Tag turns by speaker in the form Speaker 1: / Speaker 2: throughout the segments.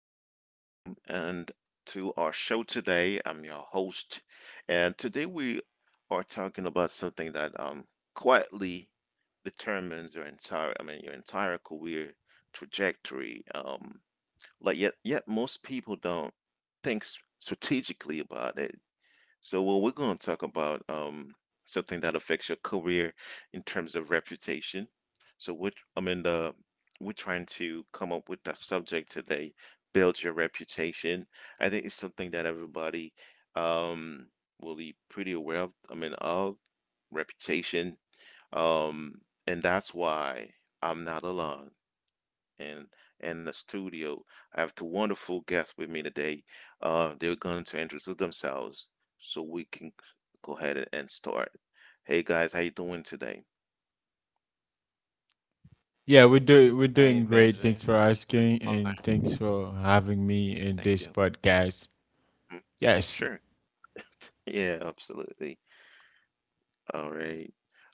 Speaker 1: everybody, welcome and to our show today. I'm your host, and today we are talking about something that quietly determines your entire career trajectory. Like yet most people don't think strategically about it. So, well, we're going to talk about something that affects your career in terms of reputation. So, what I mean, the we're trying to come up with that subject today. Build your reputation. I think it's something that everybody um, will be pretty aware of. I mean, of reputation, um, and that's why I'm not alone and and the studio. I have two wonderful guests with me today. They're going to introduce themselves so we can go ahead and start. Hey guys, how you doing today?
Speaker 2: Yeah, we're doing
Speaker 3: Hey
Speaker 2: great. Thanks for
Speaker 3: Benji, I'm
Speaker 2: asking,
Speaker 3: doing
Speaker 2: and
Speaker 3: fine,
Speaker 2: thanks for having me in this
Speaker 3: thank you.
Speaker 2: podcast.
Speaker 1: Mm.
Speaker 2: Yes.
Speaker 1: Sure. Yeah, absolutely. All right.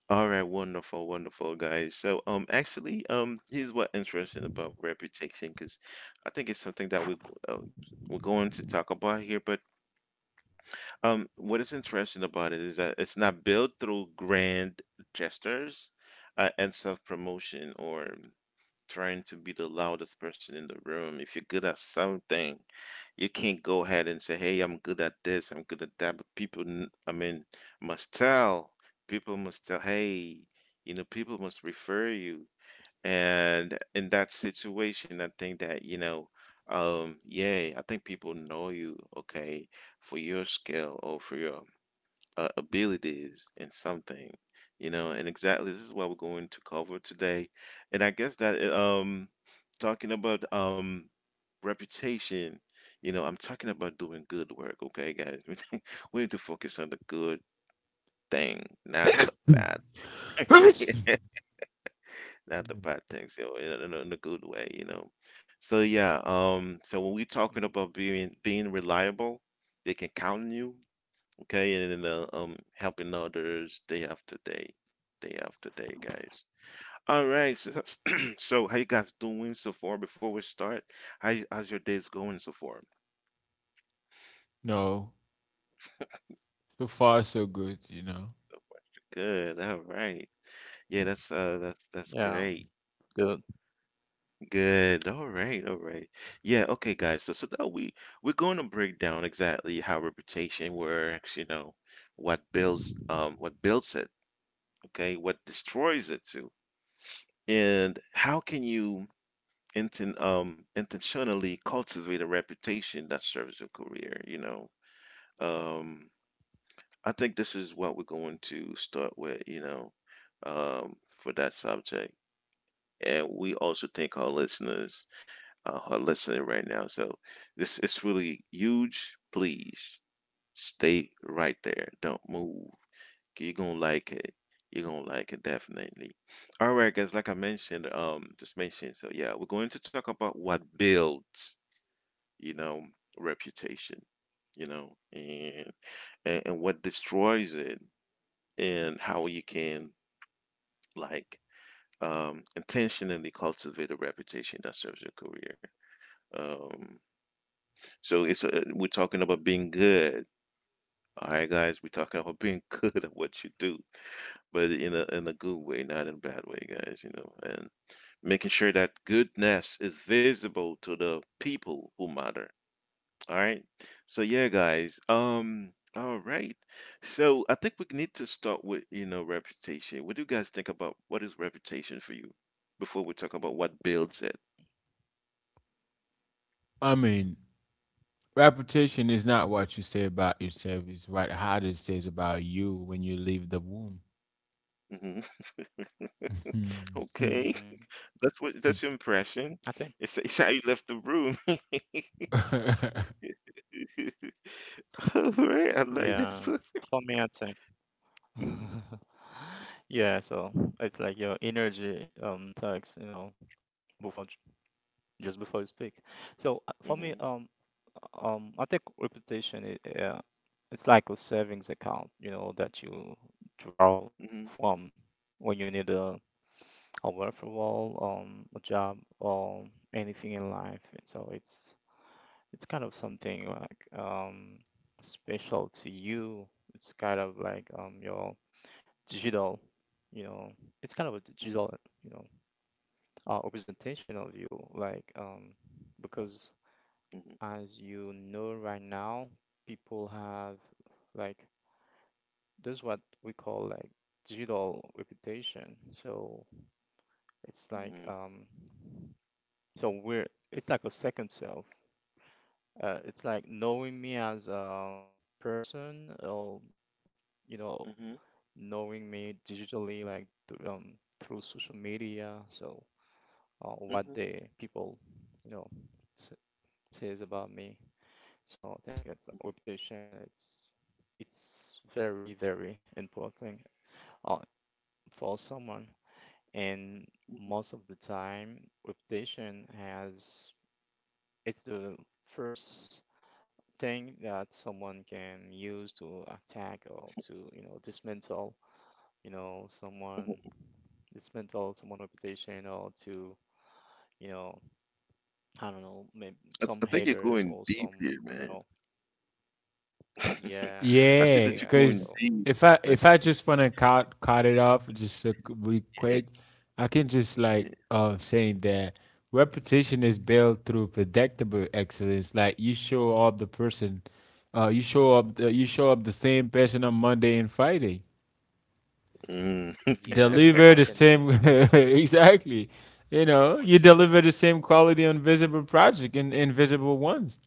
Speaker 1: All right, wonderful, wonderful guys. So, actually, here's what interesting about reputation, because I think it's something that uh, we're going to talk about here, but What is interesting about it is that it's not built through grand gestures and self-promotion or trying to be the loudest person in the room. If you're good at something, you can't go ahead and say, "Hey, I'm good at this, I'm good at that." But people, I mean, must tell. People must tell. Hey, people must refer you. And in that situation, I think that, yeah, I think people know you, okay, for your skill or for your abilities in something, and exactly this is what we're going to cover today. And I guess that, talking about, reputation, I'm talking about doing good work, okay, guys? We need to focus on the good thing, not the bad Not the bad things, in a good way. So yeah, so when we're talking
Speaker 3: Hmm.
Speaker 1: about being reliable, they can count on you, okay, and then helping others day after day, guys. All right, so, so how you guys doing so far? Before we start, how's your days going so far?
Speaker 2: No, so far so good.
Speaker 1: Good. All right. Yeah,
Speaker 3: Hmm.
Speaker 1: that's
Speaker 3: Yeah,
Speaker 1: great.
Speaker 3: good.
Speaker 1: Good. All right. All right. Yeah. Okay, guys. So, that we're going to break down exactly how reputation works. You know, what builds it. Okay, what destroys it too, and how can you intentionally cultivate a reputation that serves your career. You know, um, I think this is what we're going to start with. You know, for that subject, and we also thank our listeners are listening right now. So this is really huge. Please stay right there. Don't move. You're gonna like it. You're gonna like it definitely. All right, guys. Like I mentioned, just mentioned. So yeah, we're going to talk about what builds, you know, reputation, and and what destroys it, and how you can like intentionally cultivate a reputation that serves your career. Um, So it's we're talking about being good. All right, guys, we're talking about being good at what you do, but in a good way, not in a bad way, guys. You know, and making sure that goodness is visible to the people who matter. All right. So yeah, guys. All right. So I think we need to start with, reputation. What do you guys think about what is reputation for you before we talk about what builds it?
Speaker 2: I mean, reputation is not what you say about yourself; it's what how it says about you when you leave the womb.
Speaker 1: Hmm. Okay.
Speaker 3: Hmm.
Speaker 1: That's your impression.
Speaker 3: I think,
Speaker 1: It's how you left the room. Alright, I like this.
Speaker 3: yeah, for me, I think,
Speaker 1: Mhm,
Speaker 3: yeah. So it's like your energy tax, you know, before j- just before you speak. So
Speaker 1: mhm,
Speaker 3: for me, I think reputation is, yeah, it's like a savings account, you know, that you draw
Speaker 1: mhm,
Speaker 3: from when you need a referral, a job or anything in life. And so it's kind of something like special to you. It's kind of like your digital, you know, it's kind of a
Speaker 1: mhm,
Speaker 3: digital, you know, representation of you. Like
Speaker 1: mhm,
Speaker 3: because as you know right now, people have like there's what we call like digital reputation. So
Speaker 1: mhm,
Speaker 3: it's like so we're it's like a second self. It's like knowing me as a person or you know
Speaker 1: mhm,
Speaker 3: knowing me digitally, like through social media. So
Speaker 1: mhm,
Speaker 3: what the people, you know, s- says about me. So I
Speaker 1: mhm,
Speaker 3: think it's reputation. It's very very important uh, for someone.
Speaker 1: mhm,
Speaker 3: And most of the time, reputation has it's the first thing that someone can use to attack or to you know dismantle you know
Speaker 1: mhm.
Speaker 3: someone. It's meant also motivational to, you know, I don't know, maybe
Speaker 1: I think
Speaker 3: some
Speaker 1: you're going
Speaker 3: haters or
Speaker 1: deep here,
Speaker 3: some,
Speaker 1: man.
Speaker 3: you know, yeah,
Speaker 1: I see
Speaker 2: Yeah,
Speaker 1: that you're
Speaker 2: cause
Speaker 1: going
Speaker 3: yeah.
Speaker 1: deep here,
Speaker 2: if
Speaker 3: So,
Speaker 2: I
Speaker 1: man.
Speaker 2: if I just wanna cut it off just to be quick,
Speaker 1: Yeah,
Speaker 2: I can just like
Speaker 1: yeah.
Speaker 2: saying that reputation is built through predictable excellence. Like you show up the person,
Speaker 1: Mhm.
Speaker 2: you show up the same
Speaker 3: mm,
Speaker 2: person on Monday and Friday.
Speaker 1: Mm.
Speaker 2: Deliver the
Speaker 3: yeah,
Speaker 2: same
Speaker 3: authenticity.
Speaker 2: exactly. You know,
Speaker 1: One
Speaker 2: you
Speaker 1: gem.
Speaker 2: deliver the same quality on visible project and invisible ones.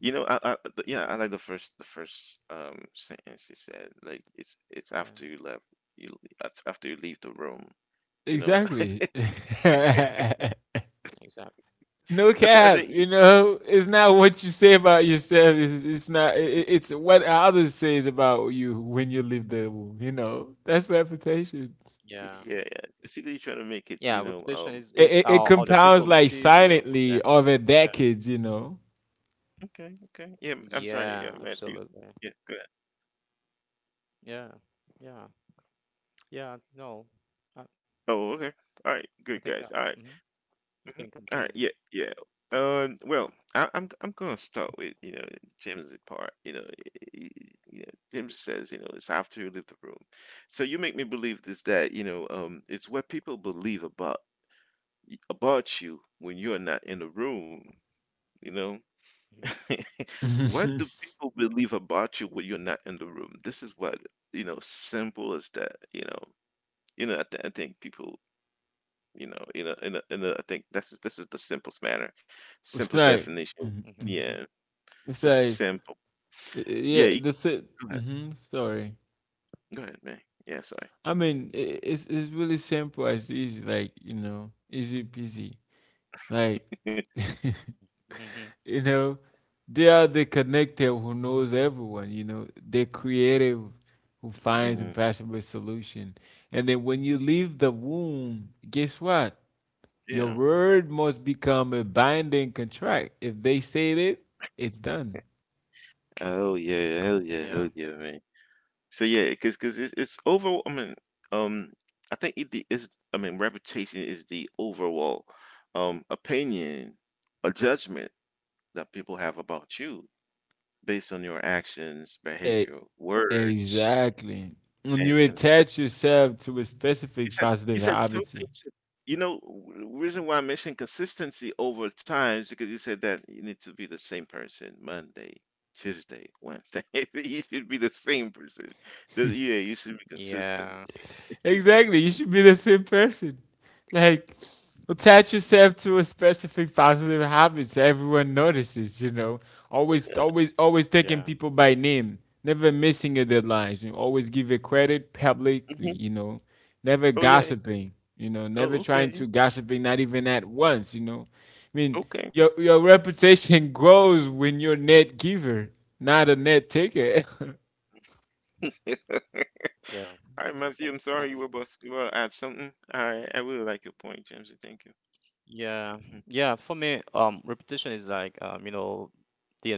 Speaker 1: You know, yeah, I like the
Speaker 3: Hmm.
Speaker 1: first, the first um sentence you said. Like,
Speaker 3: Yeah.
Speaker 1: you it's after you leave the room. You know,
Speaker 2: Exactly.
Speaker 3: Hmm. Exactly.
Speaker 2: No
Speaker 1: I, th I
Speaker 2: cap,
Speaker 1: think, you-
Speaker 2: you know, it's not what you say about yourself, it's not it, it's what others says about you when you leave the womb, you know. That's reputation.
Speaker 1: yeah, yeah.
Speaker 3: Yeah.
Speaker 1: I see that you're trying to make it,
Speaker 3: Yeah. Reputation
Speaker 2: it,
Speaker 3: is
Speaker 2: it, it
Speaker 3: it's how other
Speaker 2: compounds like
Speaker 3: people sees you.
Speaker 2: silently
Speaker 3: Okay.
Speaker 2: over
Speaker 3: Yeah.
Speaker 2: decades, you know.
Speaker 1: Okay, okay. Yeah, I'm sorry. Yeah, Matthew.
Speaker 3: Yeah.
Speaker 1: Yeah, go ahead.
Speaker 3: Absolutely. Yeah. Yeah. Yeah. No. I,
Speaker 1: Oh, okay. All right, good guys. All right.
Speaker 3: I think that. Hmm.
Speaker 1: Mhm. All right.
Speaker 3: I
Speaker 1: Yeah,
Speaker 3: can
Speaker 1: yeah.
Speaker 3: continue.
Speaker 1: Well, I'm gonna start with James' part. You know, you know, James says it's after you leave the room. So you make me believe this that it's what people believe about you when you're not in the room. You know,
Speaker 3: Hmm.
Speaker 1: what do
Speaker 2: It's
Speaker 1: people believe about you when you're not in the room? This is what. Simple as that. You know, I think people, in a, I think this is the simplest manner, simple
Speaker 2: like
Speaker 1: definition.
Speaker 2: Mhm, mhm.
Speaker 1: Yeah,
Speaker 3: Hmm.
Speaker 2: it's
Speaker 1: it's
Speaker 2: like
Speaker 1: simple.
Speaker 2: y-
Speaker 1: Yeah,
Speaker 2: yeah the it
Speaker 1: go ahead,
Speaker 2: hmm sorry
Speaker 1: go ahead, man. Yeah, sorry.
Speaker 2: I mean, it's really simple, it's easy, like you know, easy peasy, like you
Speaker 3: Hmm.
Speaker 2: know, they are the connector who knows everyone, you know, they're creative who finds
Speaker 1: Hmm.
Speaker 3: Hmm.
Speaker 2: impossible solution. And then when you leave the womb, guess what? Your
Speaker 1: Yeah.
Speaker 2: word must become a binding contract. If they say it, it's done.
Speaker 1: Oh yeah,
Speaker 3: Hmm.
Speaker 1: hell yeah, hell yeah, man.
Speaker 3: Yeah.
Speaker 1: So yeah, because it's overall. I mean, um, I think it the is. I mean, reputation is the overall, opinion or judgment that people have about you based on your actions,
Speaker 2: E-
Speaker 1: behavior, words,
Speaker 2: exactly when
Speaker 1: and
Speaker 2: you attach
Speaker 1: consistency.
Speaker 2: yourself to a
Speaker 1: You
Speaker 2: specific
Speaker 1: said
Speaker 2: positive
Speaker 1: you said something.
Speaker 2: habit.
Speaker 1: You said, reason why I mentioned
Speaker 3: Mm-hmm.
Speaker 1: consistency over time is because you said that you need to be the same person Monday, Tuesday, Wednesday. You should be the same person. Yeah, you should be consistent.
Speaker 3: Yeah.
Speaker 2: Exactly. You should be the same person. Like, attach yourself to a
Speaker 3: Mm.
Speaker 2: specific positive habit so everyone notices, you know. Always, always, always taking people by
Speaker 3: Yeah.
Speaker 2: name. Never missing your deadlines. You always give it credit publicly,
Speaker 1: Hmm.
Speaker 2: you know. Never
Speaker 1: Oh yeah.
Speaker 2: gossiping, you know. Never
Speaker 1: Oh
Speaker 2: trying
Speaker 1: okay.
Speaker 2: to gossiping, not even at once, you know. I mean,
Speaker 1: Okay.
Speaker 2: your reputation
Speaker 3: Mhm.
Speaker 2: grows when you're a net giver, not a net taker.
Speaker 1: All right,
Speaker 3: Yeah.
Speaker 1: Matthew. I'm sorry you
Speaker 3: So,
Speaker 1: were about to you were add something. I really like your point, James. Thank you. Mhm.
Speaker 3: yeah, yeah, for me, repetition is like, you know,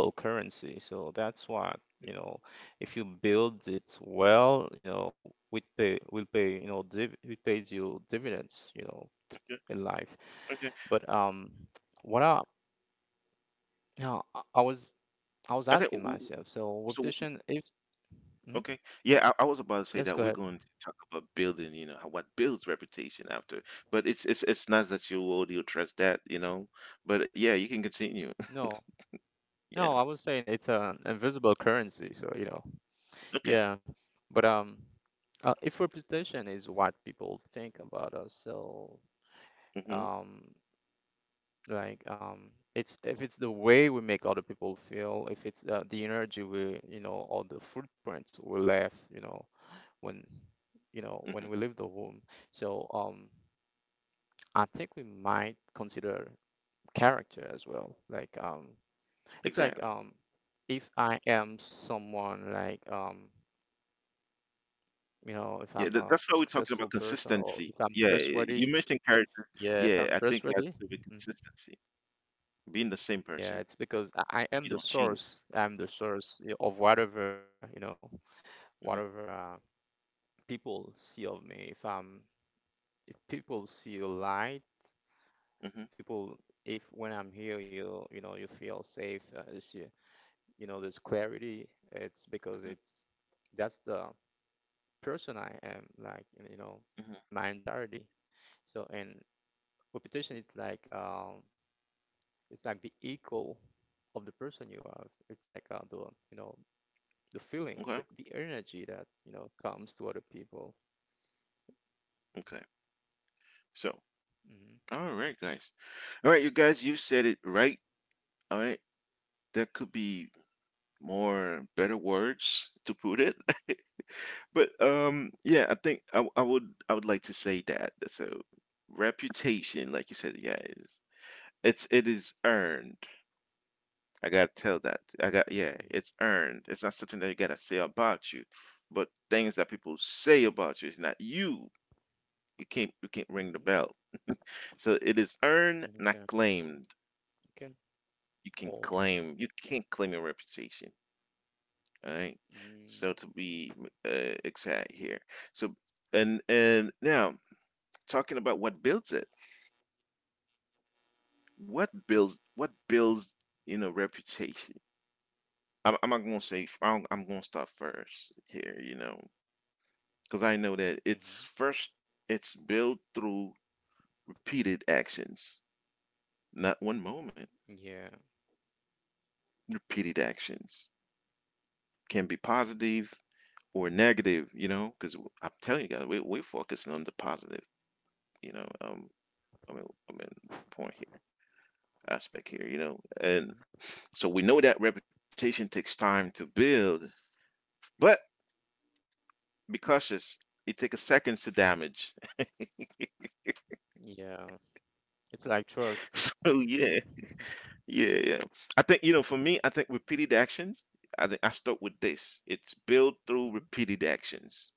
Speaker 3: the invisible currency. So that's what, you know, if you build it well, you know, will pay, you know, div it pays you dividends, you know,
Speaker 1: Okay.
Speaker 3: in life.
Speaker 1: Okay.
Speaker 3: But what I, you know,
Speaker 1: I think
Speaker 3: I
Speaker 1: w-
Speaker 3: was
Speaker 1: w-
Speaker 3: asking myself,
Speaker 1: so.
Speaker 3: so repetition is,
Speaker 1: Okay.
Speaker 3: mhm.
Speaker 1: Yeah, I was about to say that we're going to
Speaker 3: Yes, go
Speaker 1: talk
Speaker 3: ahead.
Speaker 1: about building, how what builds reputation after. But it's nice that you already addressed that. But yeah, you can continue.
Speaker 3: No,
Speaker 1: Yeah.
Speaker 3: no, I was saying it's an invisible currency. So, you know,
Speaker 1: Okay.
Speaker 3: yeah, but if reputation is what people think about us, so
Speaker 1: Hmm.
Speaker 3: um, like um, it's if it's the way we make other people feel, if it's the energy we, you know, or the footprints we left, when,
Speaker 1: Hmm.
Speaker 3: you know, when we leave the womb. So I think we might consider character as well. Like
Speaker 1: Exactly.
Speaker 3: it's like if I am someone like,
Speaker 1: Yeah, that,
Speaker 3: you
Speaker 1: that's why
Speaker 3: know,
Speaker 1: we're
Speaker 3: if
Speaker 1: talking
Speaker 3: I'm
Speaker 1: about
Speaker 3: a
Speaker 1: consistency.
Speaker 3: successful
Speaker 1: Yeah,
Speaker 3: person or
Speaker 1: you
Speaker 3: if I'm
Speaker 1: mentioned character.
Speaker 3: trustworthy.
Speaker 1: Yeah, I think that's
Speaker 3: Yeah,
Speaker 1: to
Speaker 3: if
Speaker 1: be
Speaker 3: I'm trustworthy.
Speaker 1: consistency.
Speaker 3: Hmm.
Speaker 1: Being the same person.
Speaker 3: Yeah, it's
Speaker 1: You don't
Speaker 3: because
Speaker 1: change.
Speaker 3: I am the source. I'm the source you of whatever, you know,
Speaker 1: Hmm.
Speaker 3: whatever people see of me. If people see a light,
Speaker 1: Hmm.
Speaker 3: people, if when I'm here, you know, you feel safe. You see, you know, there's clarity.
Speaker 1: Hmm.
Speaker 3: It's that's the person I am, like you
Speaker 1: Hmm.
Speaker 3: know, in my entirety. And reputation is like it's like the echo of the person you are. It's like the you know
Speaker 1: Okay.
Speaker 3: the feeling, the energy that you know comes to other people.
Speaker 1: Okay. So, all
Speaker 3: Mm-hmm.
Speaker 1: right, guys. All right, you guys, you said it right. All right. That could be more better words to put it. But yeah, I think I would like to say that that's a reputation, like you said, yeah, is it's it is earned. I gotta tell that. I got yeah, it's earned.
Speaker 3: Mm-hmm.
Speaker 1: It's not something that you gotta say about you, but things that people say about you is not you. You can't ring the bell.
Speaker 3: Hmm.
Speaker 1: So it is earned, not claimed.
Speaker 3: Okay.
Speaker 1: You can
Speaker 3: Okay.
Speaker 1: claim you can't claim your
Speaker 3: Okay.
Speaker 1: reputation. All right? So to be
Speaker 3: Mm-hmm.
Speaker 1: exact here. So and now talking about what builds it. What builds reputation? I'm not gonna say f- I'm gonna start first here, because I know that it's built through repeated actions, not one moment.
Speaker 3: Yeah.
Speaker 1: Repeated actions can be positive or negative, because I'm telling you guys, we're focusing on the positive, you know. um, I mean, I mean, point here, aspect here. And so we know
Speaker 3: Hmm.
Speaker 1: that reputation takes time to build, but be cautious. It takes seconds to damage.
Speaker 3: Yeah. It's like
Speaker 1: Oh
Speaker 3: trust.
Speaker 1: yeah, yeah, yeah. I think for me, I think repeated actions. I think I start with this. It's built through repeated
Speaker 3: Mhm,
Speaker 1: actions,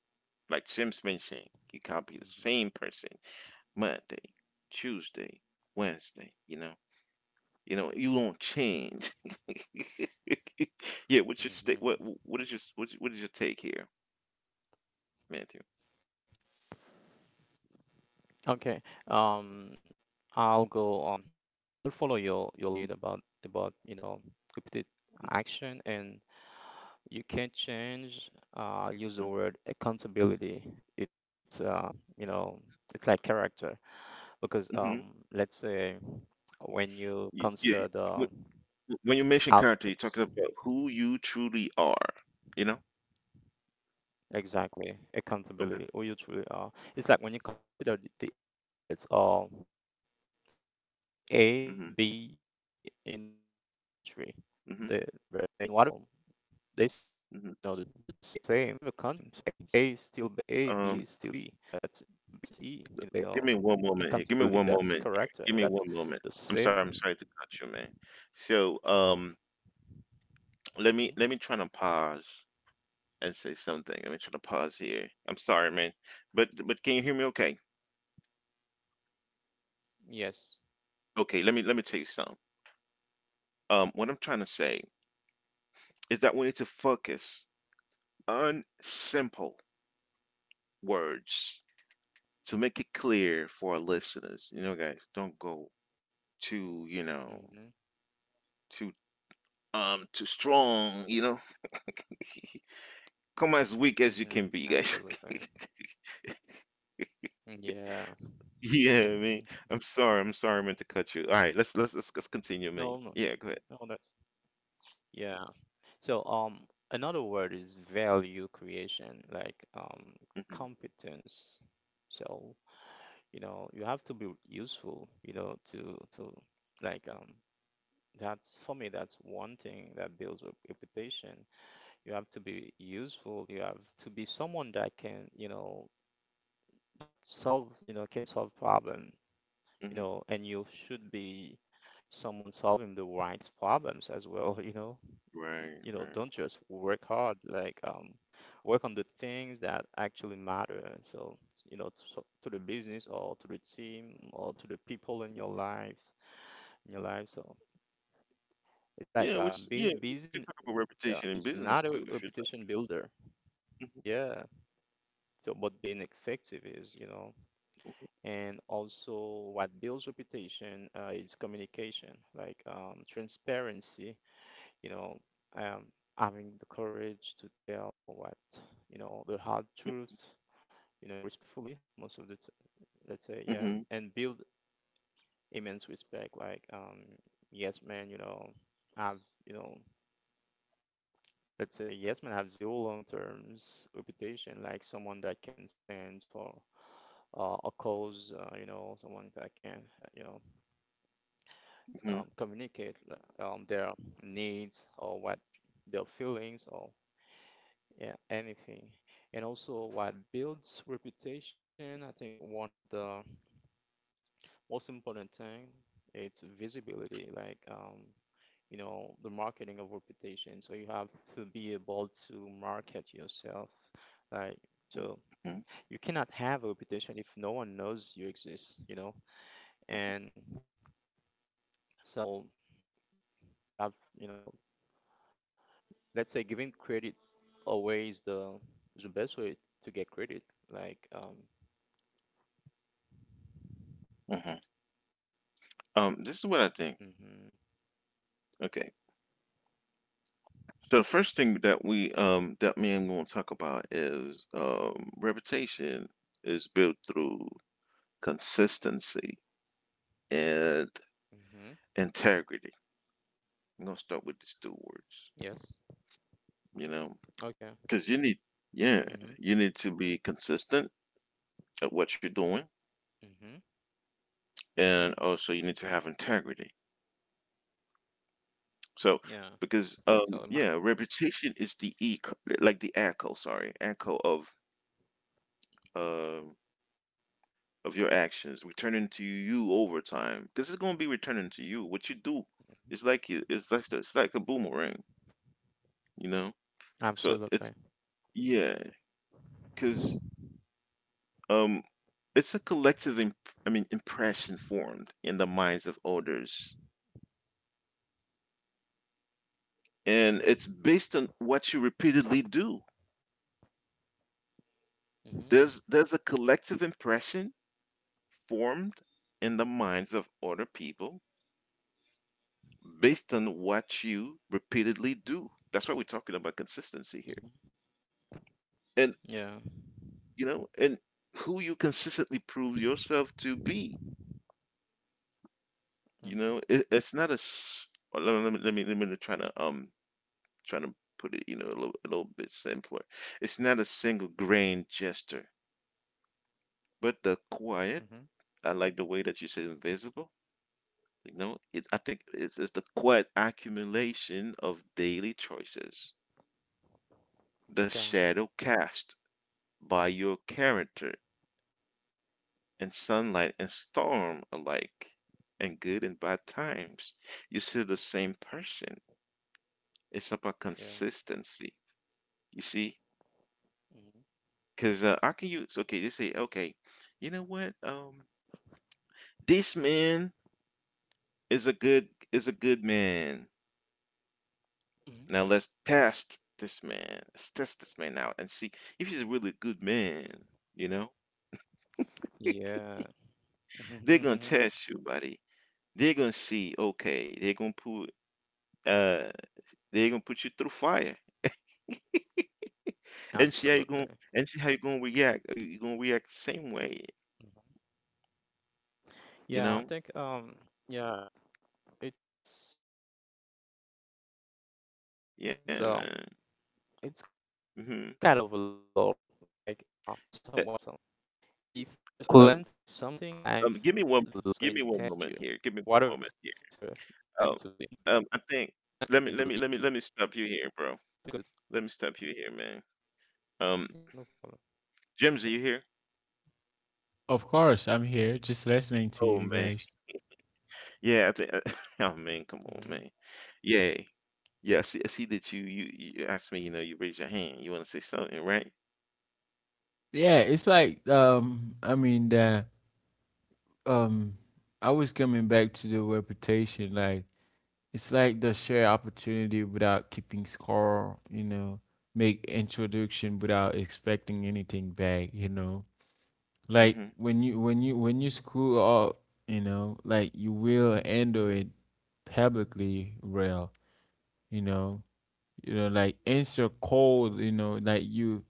Speaker 1: like Jim's been saying. You can't be the same person
Speaker 3: mhm,
Speaker 1: Monday, Tuesday, Wednesday. You know, you won't change. Yeah, what is
Speaker 3: mhm,
Speaker 1: your
Speaker 3: mhm.
Speaker 1: what's, what is your take here, Matthew?
Speaker 3: Okay. Um, I'll go. I'll follow your lead about you know repeated action and you can't change, use the word accountability. It's You know, it's like character
Speaker 1: Mm-hmm.
Speaker 3: because let's say when
Speaker 1: Yeah.
Speaker 3: you
Speaker 1: Wh-
Speaker 3: consider the
Speaker 1: When you mention character, you're talking about who
Speaker 3: alphabets,
Speaker 1: you truly are. You know? Okay.
Speaker 3: exactly, accountability, or you truly are. It's like when you consider the alphabets, or let's say
Speaker 1: Hmm.
Speaker 3: A, B, C in whatever country,
Speaker 1: Hmm.
Speaker 3: the you know
Speaker 1: Hmm.
Speaker 3: they stays you know the same. So A is still B, A,
Speaker 1: Um,
Speaker 3: B is still B. So that's you know
Speaker 1: give me one moment here.
Speaker 3: accountability,
Speaker 1: Give me
Speaker 3: that's
Speaker 1: one moment
Speaker 3: correct.
Speaker 1: here. Give
Speaker 3: That's
Speaker 1: me one
Speaker 3: the
Speaker 1: moment. I'm
Speaker 3: same.
Speaker 1: sorry. I'm sorry to cut you, man. So, let me
Speaker 3: Mhm.
Speaker 1: try to pause and say something. Let me try to pause here. I'm sorry, man. But can you hear me? Okay.
Speaker 3: Yes.
Speaker 1: Okay, let me tell you something. What I'm trying to say is that we need to focus on simple words to make it clear for our listeners. You know, guys, don't go too, you know,
Speaker 3: Hmm.
Speaker 1: too too strong, Come as weak as you can be, guys.
Speaker 3: Hmm. Absolutely. Yeah.
Speaker 1: Yeah, I mean, I'm
Speaker 3: Hmm.
Speaker 1: sorry, I'm sorry I meant to cut you. All right, let's continue, man. Yeah, go ahead.
Speaker 3: No, no. No, that's yeah. So, another word is value creation, like
Speaker 1: Mm-hmm,
Speaker 3: um, competence. So, you know, you have to be useful, you know, to like that's for me, that's one thing that builds a reputation. You have to be useful. You have to be someone that can, you know, that solve, you know, can solve problem,
Speaker 1: mm-hmm.
Speaker 3: you know, and you should be someone solving the right problems as well, you
Speaker 1: Right,
Speaker 3: know.
Speaker 1: right.
Speaker 3: You know, don't just work hard, like work on the things that actually matter. So, you know, to the business or to the team or to the people in your life, in your life. So
Speaker 1: Yeah,
Speaker 3: it's like
Speaker 1: we
Speaker 3: um
Speaker 1: can talk
Speaker 3: being
Speaker 1: about
Speaker 3: busy
Speaker 1: reputation in business
Speaker 3: uh,
Speaker 1: too
Speaker 3: is
Speaker 1: if you'd
Speaker 3: not a reputation builder.
Speaker 1: like.
Speaker 3: Yeah. So, but being effective is, you know, and also what builds reputation is communication like transparency you know um, having the courage to tell what you know the hard truths you know respectfully most of
Speaker 1: Hmm.
Speaker 3: let's say yeah and build immense respect like yes man you know have you know let's say yes man have zero long terms reputation like someone that can stand for a cause you know someone that can you know
Speaker 1: Mhm,
Speaker 3: communicate their needs or what their feelings or yeah, anything. And also what builds reputation, I think one of the most important thing, it's visibility, like you know, the marketing of reputation. So you have to be able to market yourself,
Speaker 1: mhm,
Speaker 3: like so you cannot have a reputation if no one knows you exist, you know? And so you have, you know, let's say giving credit always the best way to get credit. Like um,
Speaker 1: mhm. This is what I think.
Speaker 3: mm-hmm,
Speaker 1: Okay. So the first thing that we that me and gonna talk about is reputation is built through consistency and integrity.
Speaker 3: mm-hmm,
Speaker 1: I'm gonna start with these two words,
Speaker 3: yes,
Speaker 1: you know, because
Speaker 3: okay,
Speaker 1: yeah, you need to be
Speaker 3: mm-hmm,
Speaker 1: consistent at what you're doing,
Speaker 3: mm-hmm,
Speaker 1: and also you need to
Speaker 3: yeah,
Speaker 1: have integrity. So because
Speaker 3: yeah.
Speaker 1: yeah,
Speaker 3: So it
Speaker 1: reputation
Speaker 3: might,
Speaker 1: is the echo, echo um of your actions, returning to you over time, because it's gonna be returning to you. What you do, it's like a boomerang, you know. So it's yeah,
Speaker 3: absolutely.
Speaker 1: because um, it's a collective impression formed in the minds of others, and it's based on what you repeatedly do. There's a
Speaker 3: Mm-hmm,
Speaker 1: collective impression formed in the minds of other people based on what you repeatedly do. That's why we're talking about consistency here.
Speaker 3: mm-hmm,
Speaker 1: And you know,
Speaker 3: yeah,
Speaker 1: and who you consistently prove yourself to be. You know, it's not a.
Speaker 3: mm-hmm,
Speaker 1: Let me try to trying to put it, you know, a little bit simpler. It's not a single grain gesture, but the quiet. I like the way that you
Speaker 3: mm-hmm,
Speaker 1: said invisible. You know, I think it's the quiet accumulation of daily choices, the shadow cast
Speaker 3: okay,
Speaker 1: by your character, and sunlight and storm alike, and good and bad times. You're still the same person. It's about consistency.
Speaker 3: yeah,
Speaker 1: You see, because how can
Speaker 3: mm-hmm,
Speaker 1: use. Okay, they say, okay, you know what? This man is a good man. Now let's test
Speaker 3: mm-hmm,
Speaker 1: this man. Let's test this man out and see if he's a really good man. You know, they're gonna
Speaker 3: yeah,
Speaker 1: test you, buddy.
Speaker 3: mm-hmm,
Speaker 1: They're gonna see. Okay, uh, they're gonna put you through fire, and see how you going and see how you're gonna react. Are
Speaker 3: absolutely.
Speaker 1: you gonna react the same way?
Speaker 3: Mhm.
Speaker 1: You know?
Speaker 3: Yeah, I think yeah, it's just when
Speaker 1: Yeah,
Speaker 3: I had
Speaker 1: man.
Speaker 3: something. It's I think
Speaker 1: hmm
Speaker 3: it's kind of low,
Speaker 1: Um,
Speaker 3: if you claim to be
Speaker 1: give me one.
Speaker 3: something,
Speaker 1: Give me
Speaker 3: life
Speaker 1: one
Speaker 3: is
Speaker 1: moment
Speaker 3: going
Speaker 1: here.
Speaker 3: to
Speaker 1: Give me one
Speaker 3: test you,
Speaker 1: moment here.
Speaker 3: whatever you
Speaker 1: Um,
Speaker 3: claim to be.
Speaker 1: I think. Let me let
Speaker 3: Hmm.
Speaker 1: me let me let me stop you here, bro. Let me stop you here, man. Um,
Speaker 3: Yeah, no problem.
Speaker 1: James, are you here?
Speaker 2: Of course, I'm here just listening to
Speaker 1: Oh
Speaker 2: you
Speaker 1: man.
Speaker 2: guys.
Speaker 1: Yeah, I think. Oh man, come on, man.
Speaker 3: Hmm.
Speaker 1: Yeah, yeah. I see that you asked me. You know, you raise your hand. You want to say something, right?
Speaker 2: Yeah, it's like I mean that um I was coming back to the reputation, like it's like the share opportunity without keeping score, you know, make introduction without expecting anything back, you know. Like
Speaker 1: Mm-hmm.
Speaker 2: when you screw up, you know, like you will handle it publicly well, you know. You know, like answer cold, you know, like you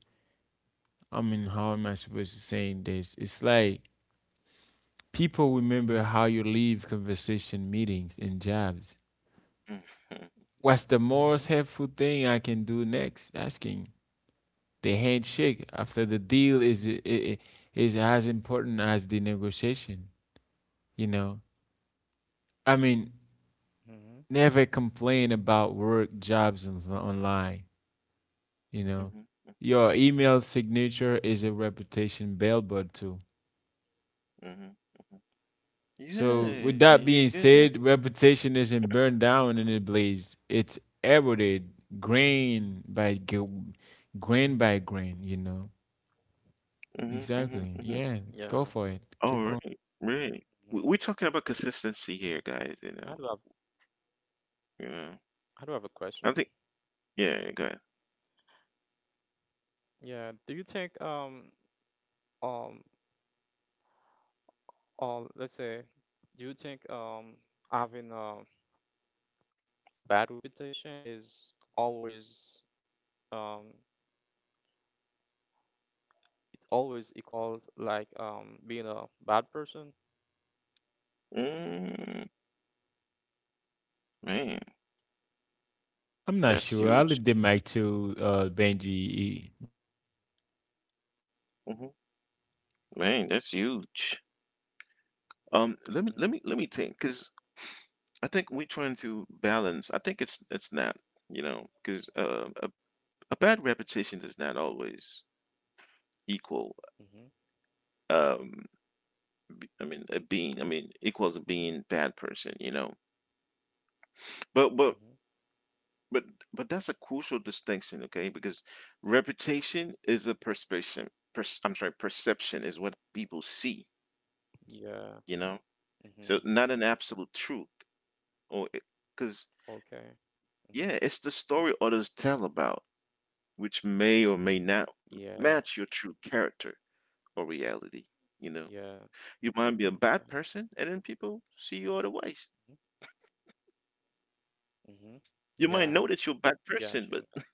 Speaker 2: I mean, how am I supposed to say this? It's like people remember how you leave conversation meetings and jobs.
Speaker 1: Mm-hmm.
Speaker 2: What's the most helpful
Speaker 3: Hmm.
Speaker 2: thing I can do next? Asking. The handshake after the deal is as important as the negotiation, you know? I mean,
Speaker 3: Hmm.
Speaker 2: never complain about work jobs on, online, you know?
Speaker 1: Mm-hmm.
Speaker 2: Your email signature is a reputation billboard too.
Speaker 1: Mm-hmm. Mm-hmm.
Speaker 2: So,
Speaker 1: Yeah,
Speaker 2: with that
Speaker 1: yeah.
Speaker 2: being said, reputation isn't burned down in a blaze. It's eroded grain by gil- grain by grain, you know.
Speaker 1: hmm hmm
Speaker 2: Exactly.
Speaker 1: hmm
Speaker 2: Yeah,
Speaker 3: Yeah.
Speaker 2: go for it. Keep
Speaker 1: All
Speaker 2: going.
Speaker 1: right, right.
Speaker 3: Hmm.
Speaker 1: We're talking about consistency
Speaker 3: Okay.
Speaker 1: here, guys,
Speaker 3: I do
Speaker 1: you
Speaker 3: have
Speaker 1: know. You know.
Speaker 3: I do have a question.
Speaker 1: I think yeah, go ahead.
Speaker 3: Yeah. Do you think um or let's say, do you think having a bad reputation is always um always equals like being a bad person?
Speaker 1: Mm, man,
Speaker 2: I'm not
Speaker 1: that's
Speaker 2: sure. I'll
Speaker 1: huge.
Speaker 2: leave the mic to Benji.
Speaker 1: hmm Man, that's huge. Let me let me
Speaker 3: Hmm.
Speaker 1: let me think, because I think we're trying to balance. I think it's not, you know, because a bad reputation does not always equal
Speaker 3: Hmm.
Speaker 1: um b- I mean a being I mean equals a being bad person, you know. But but
Speaker 3: Hmm.
Speaker 1: but but that's a crucial distinction, okay? Because reputation is a perception. Perception is what people see,
Speaker 3: Yeah.
Speaker 1: you know. So
Speaker 3: Hmm.
Speaker 1: not an absolute truth, or because
Speaker 3: Okay.
Speaker 1: yeah,
Speaker 3: Mhm.
Speaker 1: it's the story others tell about, which may or may not
Speaker 3: Yeah,
Speaker 1: match your true character or reality. You know,
Speaker 3: yeah.
Speaker 1: you might be a bad
Speaker 3: Okay.
Speaker 1: person, and then people see you other ways.
Speaker 3: Mm-hmm.
Speaker 1: You might know
Speaker 3: Yeah,
Speaker 1: that you're a bad person, but
Speaker 3: got you.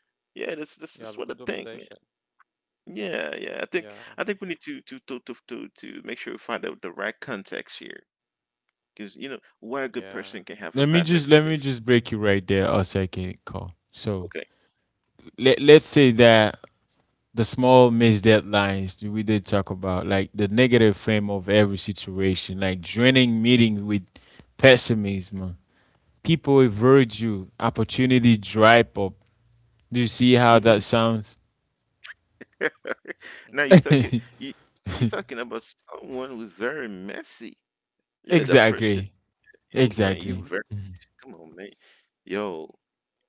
Speaker 1: yeah, that's
Speaker 3: You
Speaker 1: what I
Speaker 3: have a good
Speaker 1: think, man.
Speaker 3: reputation.
Speaker 1: Yeah, yeah.
Speaker 3: Yeah,
Speaker 1: I think we need to make sure we find out the right context here, because you know why a good
Speaker 3: yeah.
Speaker 1: person can have a
Speaker 2: Let me
Speaker 1: bad
Speaker 2: just
Speaker 1: reputation.
Speaker 2: break you right there a second, call. So
Speaker 1: Okay.
Speaker 2: let
Speaker 3: Mm-hmm.
Speaker 2: let's say that the small missed deadlines that we did talk about, like the negative frame of every situation, like draining meeting with pessimism, people avoid you. Opportunity dry up. Do you see how
Speaker 1: hmm
Speaker 2: that sounds?
Speaker 1: Now you're
Speaker 3: Mm-hmm.
Speaker 1: talking, you you're talking about someone who's very messy. Yeah, the person.
Speaker 2: Exactly.
Speaker 1: Oh
Speaker 3: Mm-hmm.
Speaker 1: man, you
Speaker 2: Exactly.
Speaker 1: very,
Speaker 2: Mhm.
Speaker 1: come on man. Yo,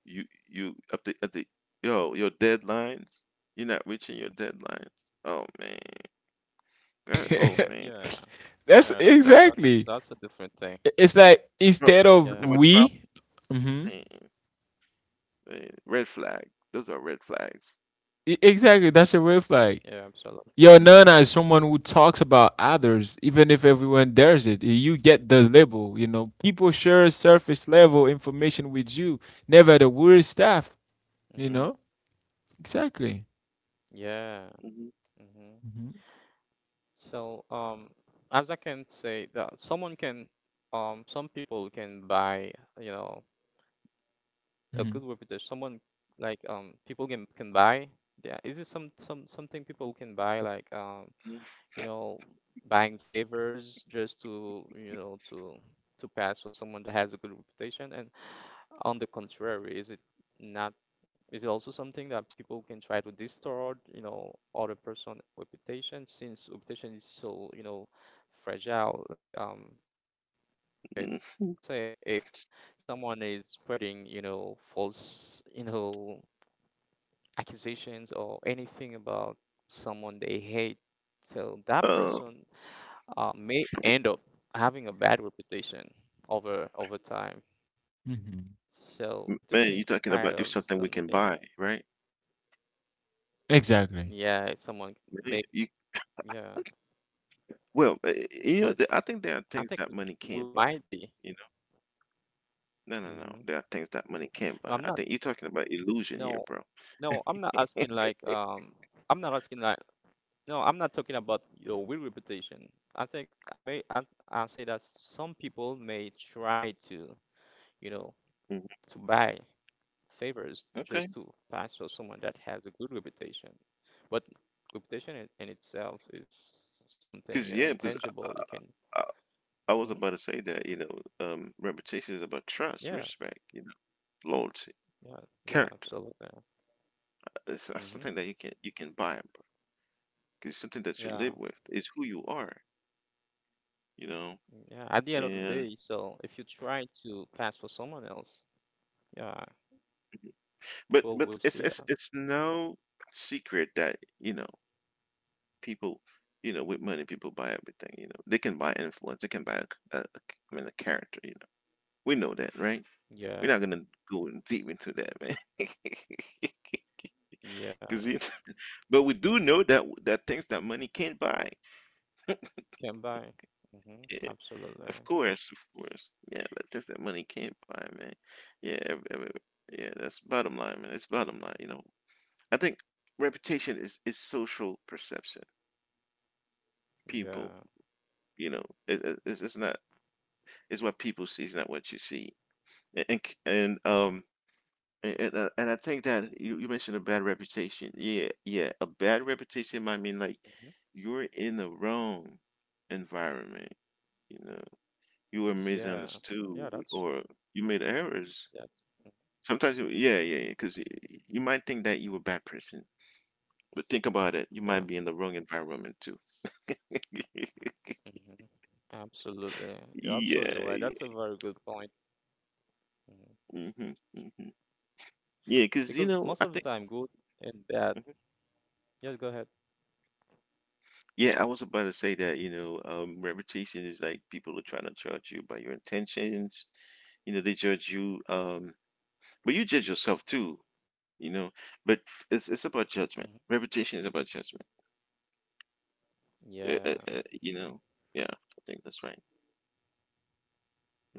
Speaker 1: you up the at the yo your deadlines. You're not reaching your deadlines. Oh man. God, oh
Speaker 3: Yeah,
Speaker 1: man.
Speaker 3: yeah.
Speaker 2: That's
Speaker 3: That's
Speaker 1: That.
Speaker 3: that's a
Speaker 2: exactly.
Speaker 3: different thing.
Speaker 2: It's like
Speaker 1: Dro
Speaker 2: instead of
Speaker 3: Yeah,
Speaker 1: nothing but drop,
Speaker 2: we, mhm.
Speaker 1: man, man, red flag. Those are red flags.
Speaker 2: Exactly. That's a red flag.
Speaker 3: yeah. Absolutely.
Speaker 2: You're known
Speaker 1: Mhm,
Speaker 2: as someone who talks about others, even if everyone dares it. You get the label, you know. People share surface level information with you, never the weird stuff,
Speaker 3: Mhm.
Speaker 2: you
Speaker 1: mhm,
Speaker 2: know. Exactly.
Speaker 3: Yeah.
Speaker 1: mhm,
Speaker 3: Mm-hmm.
Speaker 2: Hmm.
Speaker 3: So, as I can say that some people can buy, you know,
Speaker 2: Hmm.
Speaker 3: a good reputation, someone like people can buy. Yeah, is it some something people can buy like you know buying favors just to you know to pass for someone that has a good reputation? And on the contrary, is it not? Is it also something that people can try to distort, you know, other person reputation since reputation is so, you know, fragile? Like it's let's
Speaker 1: mhm,
Speaker 3: say
Speaker 1: mhm.
Speaker 3: if someone is spreading, you know, false, you know, accusations or anything about someone they hate, so that
Speaker 1: Uh,
Speaker 3: person may end up having a bad reputation over time.
Speaker 2: Hmm.
Speaker 3: So reputation
Speaker 1: man, you're
Speaker 3: is
Speaker 1: talking
Speaker 3: kind
Speaker 1: about if
Speaker 3: of
Speaker 1: something we can
Speaker 3: something,
Speaker 1: buy, right?
Speaker 2: Exactly.
Speaker 3: yeah, it's someone
Speaker 1: Man,
Speaker 3: may,
Speaker 1: you,
Speaker 3: yeah.
Speaker 1: well, you
Speaker 3: So
Speaker 1: know, I
Speaker 3: it's,
Speaker 1: think there are
Speaker 3: I
Speaker 1: things
Speaker 3: think
Speaker 1: that money
Speaker 3: we
Speaker 1: can't buy,
Speaker 3: might be.
Speaker 1: you know? No, no, no.
Speaker 3: Hmm.
Speaker 1: There are things that money can't
Speaker 3: No,
Speaker 1: buy.
Speaker 3: I'm
Speaker 1: I
Speaker 3: not.
Speaker 1: think you're talking about illusion here,
Speaker 3: No,
Speaker 1: bro.
Speaker 3: no, I'm not asking like, I'm not asking like no, I'm not talking about your real reputation. I think I may I say that some people may try to, you know,
Speaker 1: Mhm.
Speaker 3: to buy favors
Speaker 1: Okay.
Speaker 3: just to pass for someone that has a good reputation. But reputation in itself is something,
Speaker 1: Because,
Speaker 3: you know,
Speaker 1: yeah, because
Speaker 3: intangible. You can,
Speaker 1: I, I was
Speaker 3: mhm.
Speaker 1: about to say that, you know, reputation is about trust,
Speaker 3: Yeah,
Speaker 1: respect, you know, loyalty,
Speaker 3: yeah, yeah,
Speaker 1: character.
Speaker 3: absolutely.
Speaker 1: That's
Speaker 3: Hmm.
Speaker 1: something that you can buy, it's something that you
Speaker 3: Yeah,
Speaker 1: live with. It's who you are, you know?
Speaker 3: yeah. At the end of the
Speaker 1: And
Speaker 3: day, so if you try to pass for someone else, yeah, people will
Speaker 1: but
Speaker 3: see
Speaker 1: it's
Speaker 3: that.
Speaker 1: it's it's no secret that, you know, people, you know, with money, people buy everything, you know. They can buy influence, they can buy a I mean, a character, you know. We know that, right? We're not
Speaker 3: Yeah,
Speaker 1: gonna go in deep into that, man. Cause
Speaker 3: yeah,
Speaker 1: you, but we do know that that things that money can't buy.
Speaker 3: can buy. Hmm.
Speaker 1: Yeah, of
Speaker 3: Absolutely.
Speaker 1: course, of course. Yeah, that things that money can't buy, man. Yeah, yeah, that's bottom line, man. It's bottom line, you know. I think reputation is social perception. People,
Speaker 3: Yeah.
Speaker 1: you know, it's not, it's what people see, it's not what you see. And and, um and I think that you mentioned a bad reputation. Yeah, yeah, a bad reputation might mean like
Speaker 3: Hmm.
Speaker 1: you're in the wrong environment. You know, you were
Speaker 3: Yeah.
Speaker 1: misunderstood
Speaker 3: Yeah,
Speaker 1: or
Speaker 3: that's
Speaker 1: you made errors.
Speaker 3: that's
Speaker 1: Sometimes, you, yeah, yeah, yeah,
Speaker 3: Hmm.
Speaker 1: because you might think that you were a bad person, but think about it, you might be in
Speaker 3: Yeah.
Speaker 1: the wrong environment too.
Speaker 3: Hmm. Absolutely. You're absolutely
Speaker 1: Yeah,
Speaker 3: right. That's
Speaker 1: yeah.
Speaker 3: a very good point. Hmm.
Speaker 1: Mhm, mhm. Yeah, 'cause you
Speaker 3: Because
Speaker 1: know,
Speaker 3: most
Speaker 1: I
Speaker 3: of the
Speaker 1: think
Speaker 3: time, good and bad.
Speaker 1: mhm.
Speaker 3: Yes, go ahead.
Speaker 1: Yeah, I was about to say that, you know, reputation is like people are trying to judge you by your intentions. You know, they judge you, but you judge yourself too, you know. But it's about judgment.
Speaker 3: Hmm.
Speaker 1: Reputation is about judgment.
Speaker 3: Yeah.
Speaker 1: You know, yeah, I think that's right.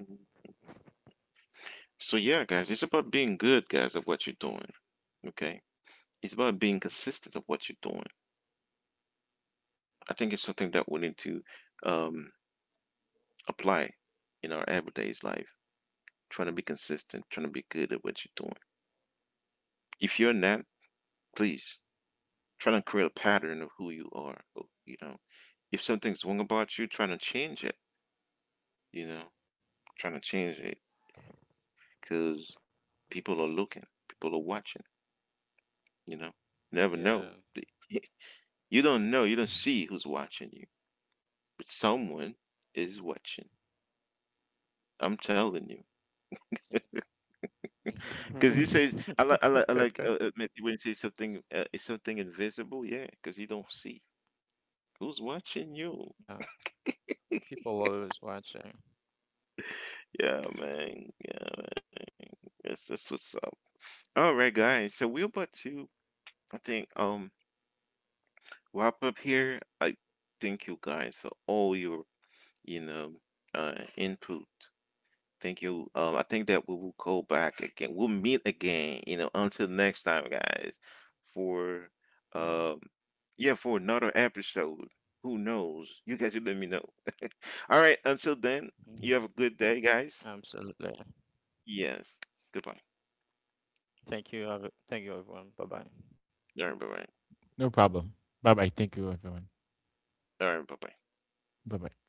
Speaker 1: hmm So yeah, guys, it's about being good, guys, of what you're doing. Okay, it's about being
Speaker 3: Hmm.
Speaker 1: consistent of what you're doing. I think it's something that we need to, um. apply in our everyday life, trying to be consistent, trying to be good at what you're doing. If you're not, please try to create a pattern of who you are. You know, if something's wrong about you, trying to change it. You know, trying to change it because people are looking, people are watching. You know, you never know.
Speaker 3: Yeah.
Speaker 1: You don't know, you don't see who's watching you, but someone is watching. I'm telling you.
Speaker 3: Yeah.
Speaker 1: Because you say I like admit when you say something it's something invisible, yeah, because you don't see who's watching you.
Speaker 3: Yeah. People always watching.
Speaker 1: Yeah, man. Yeah, man. That's what's up. All right, guys. So we're about to, I think wrap up here. I thank you guys for all your, you know, input. Thank you. I think that we will go back again. We'll meet again, you know, until next time, guys, for um
Speaker 3: Yeah.
Speaker 1: yeah, for another episode. Who knows? You guys will let me know. All right, until then, you have a good
Speaker 3: Hmm.
Speaker 1: day, guys.
Speaker 3: Absolutely.
Speaker 1: Yes. Goodbye.
Speaker 3: Thank you. Thank you, everyone. Bye-bye.
Speaker 1: All right, bye-bye.
Speaker 2: No problem. Bye bye. Thank you, everyone.
Speaker 1: All right, bye-bye.
Speaker 2: Bye bye.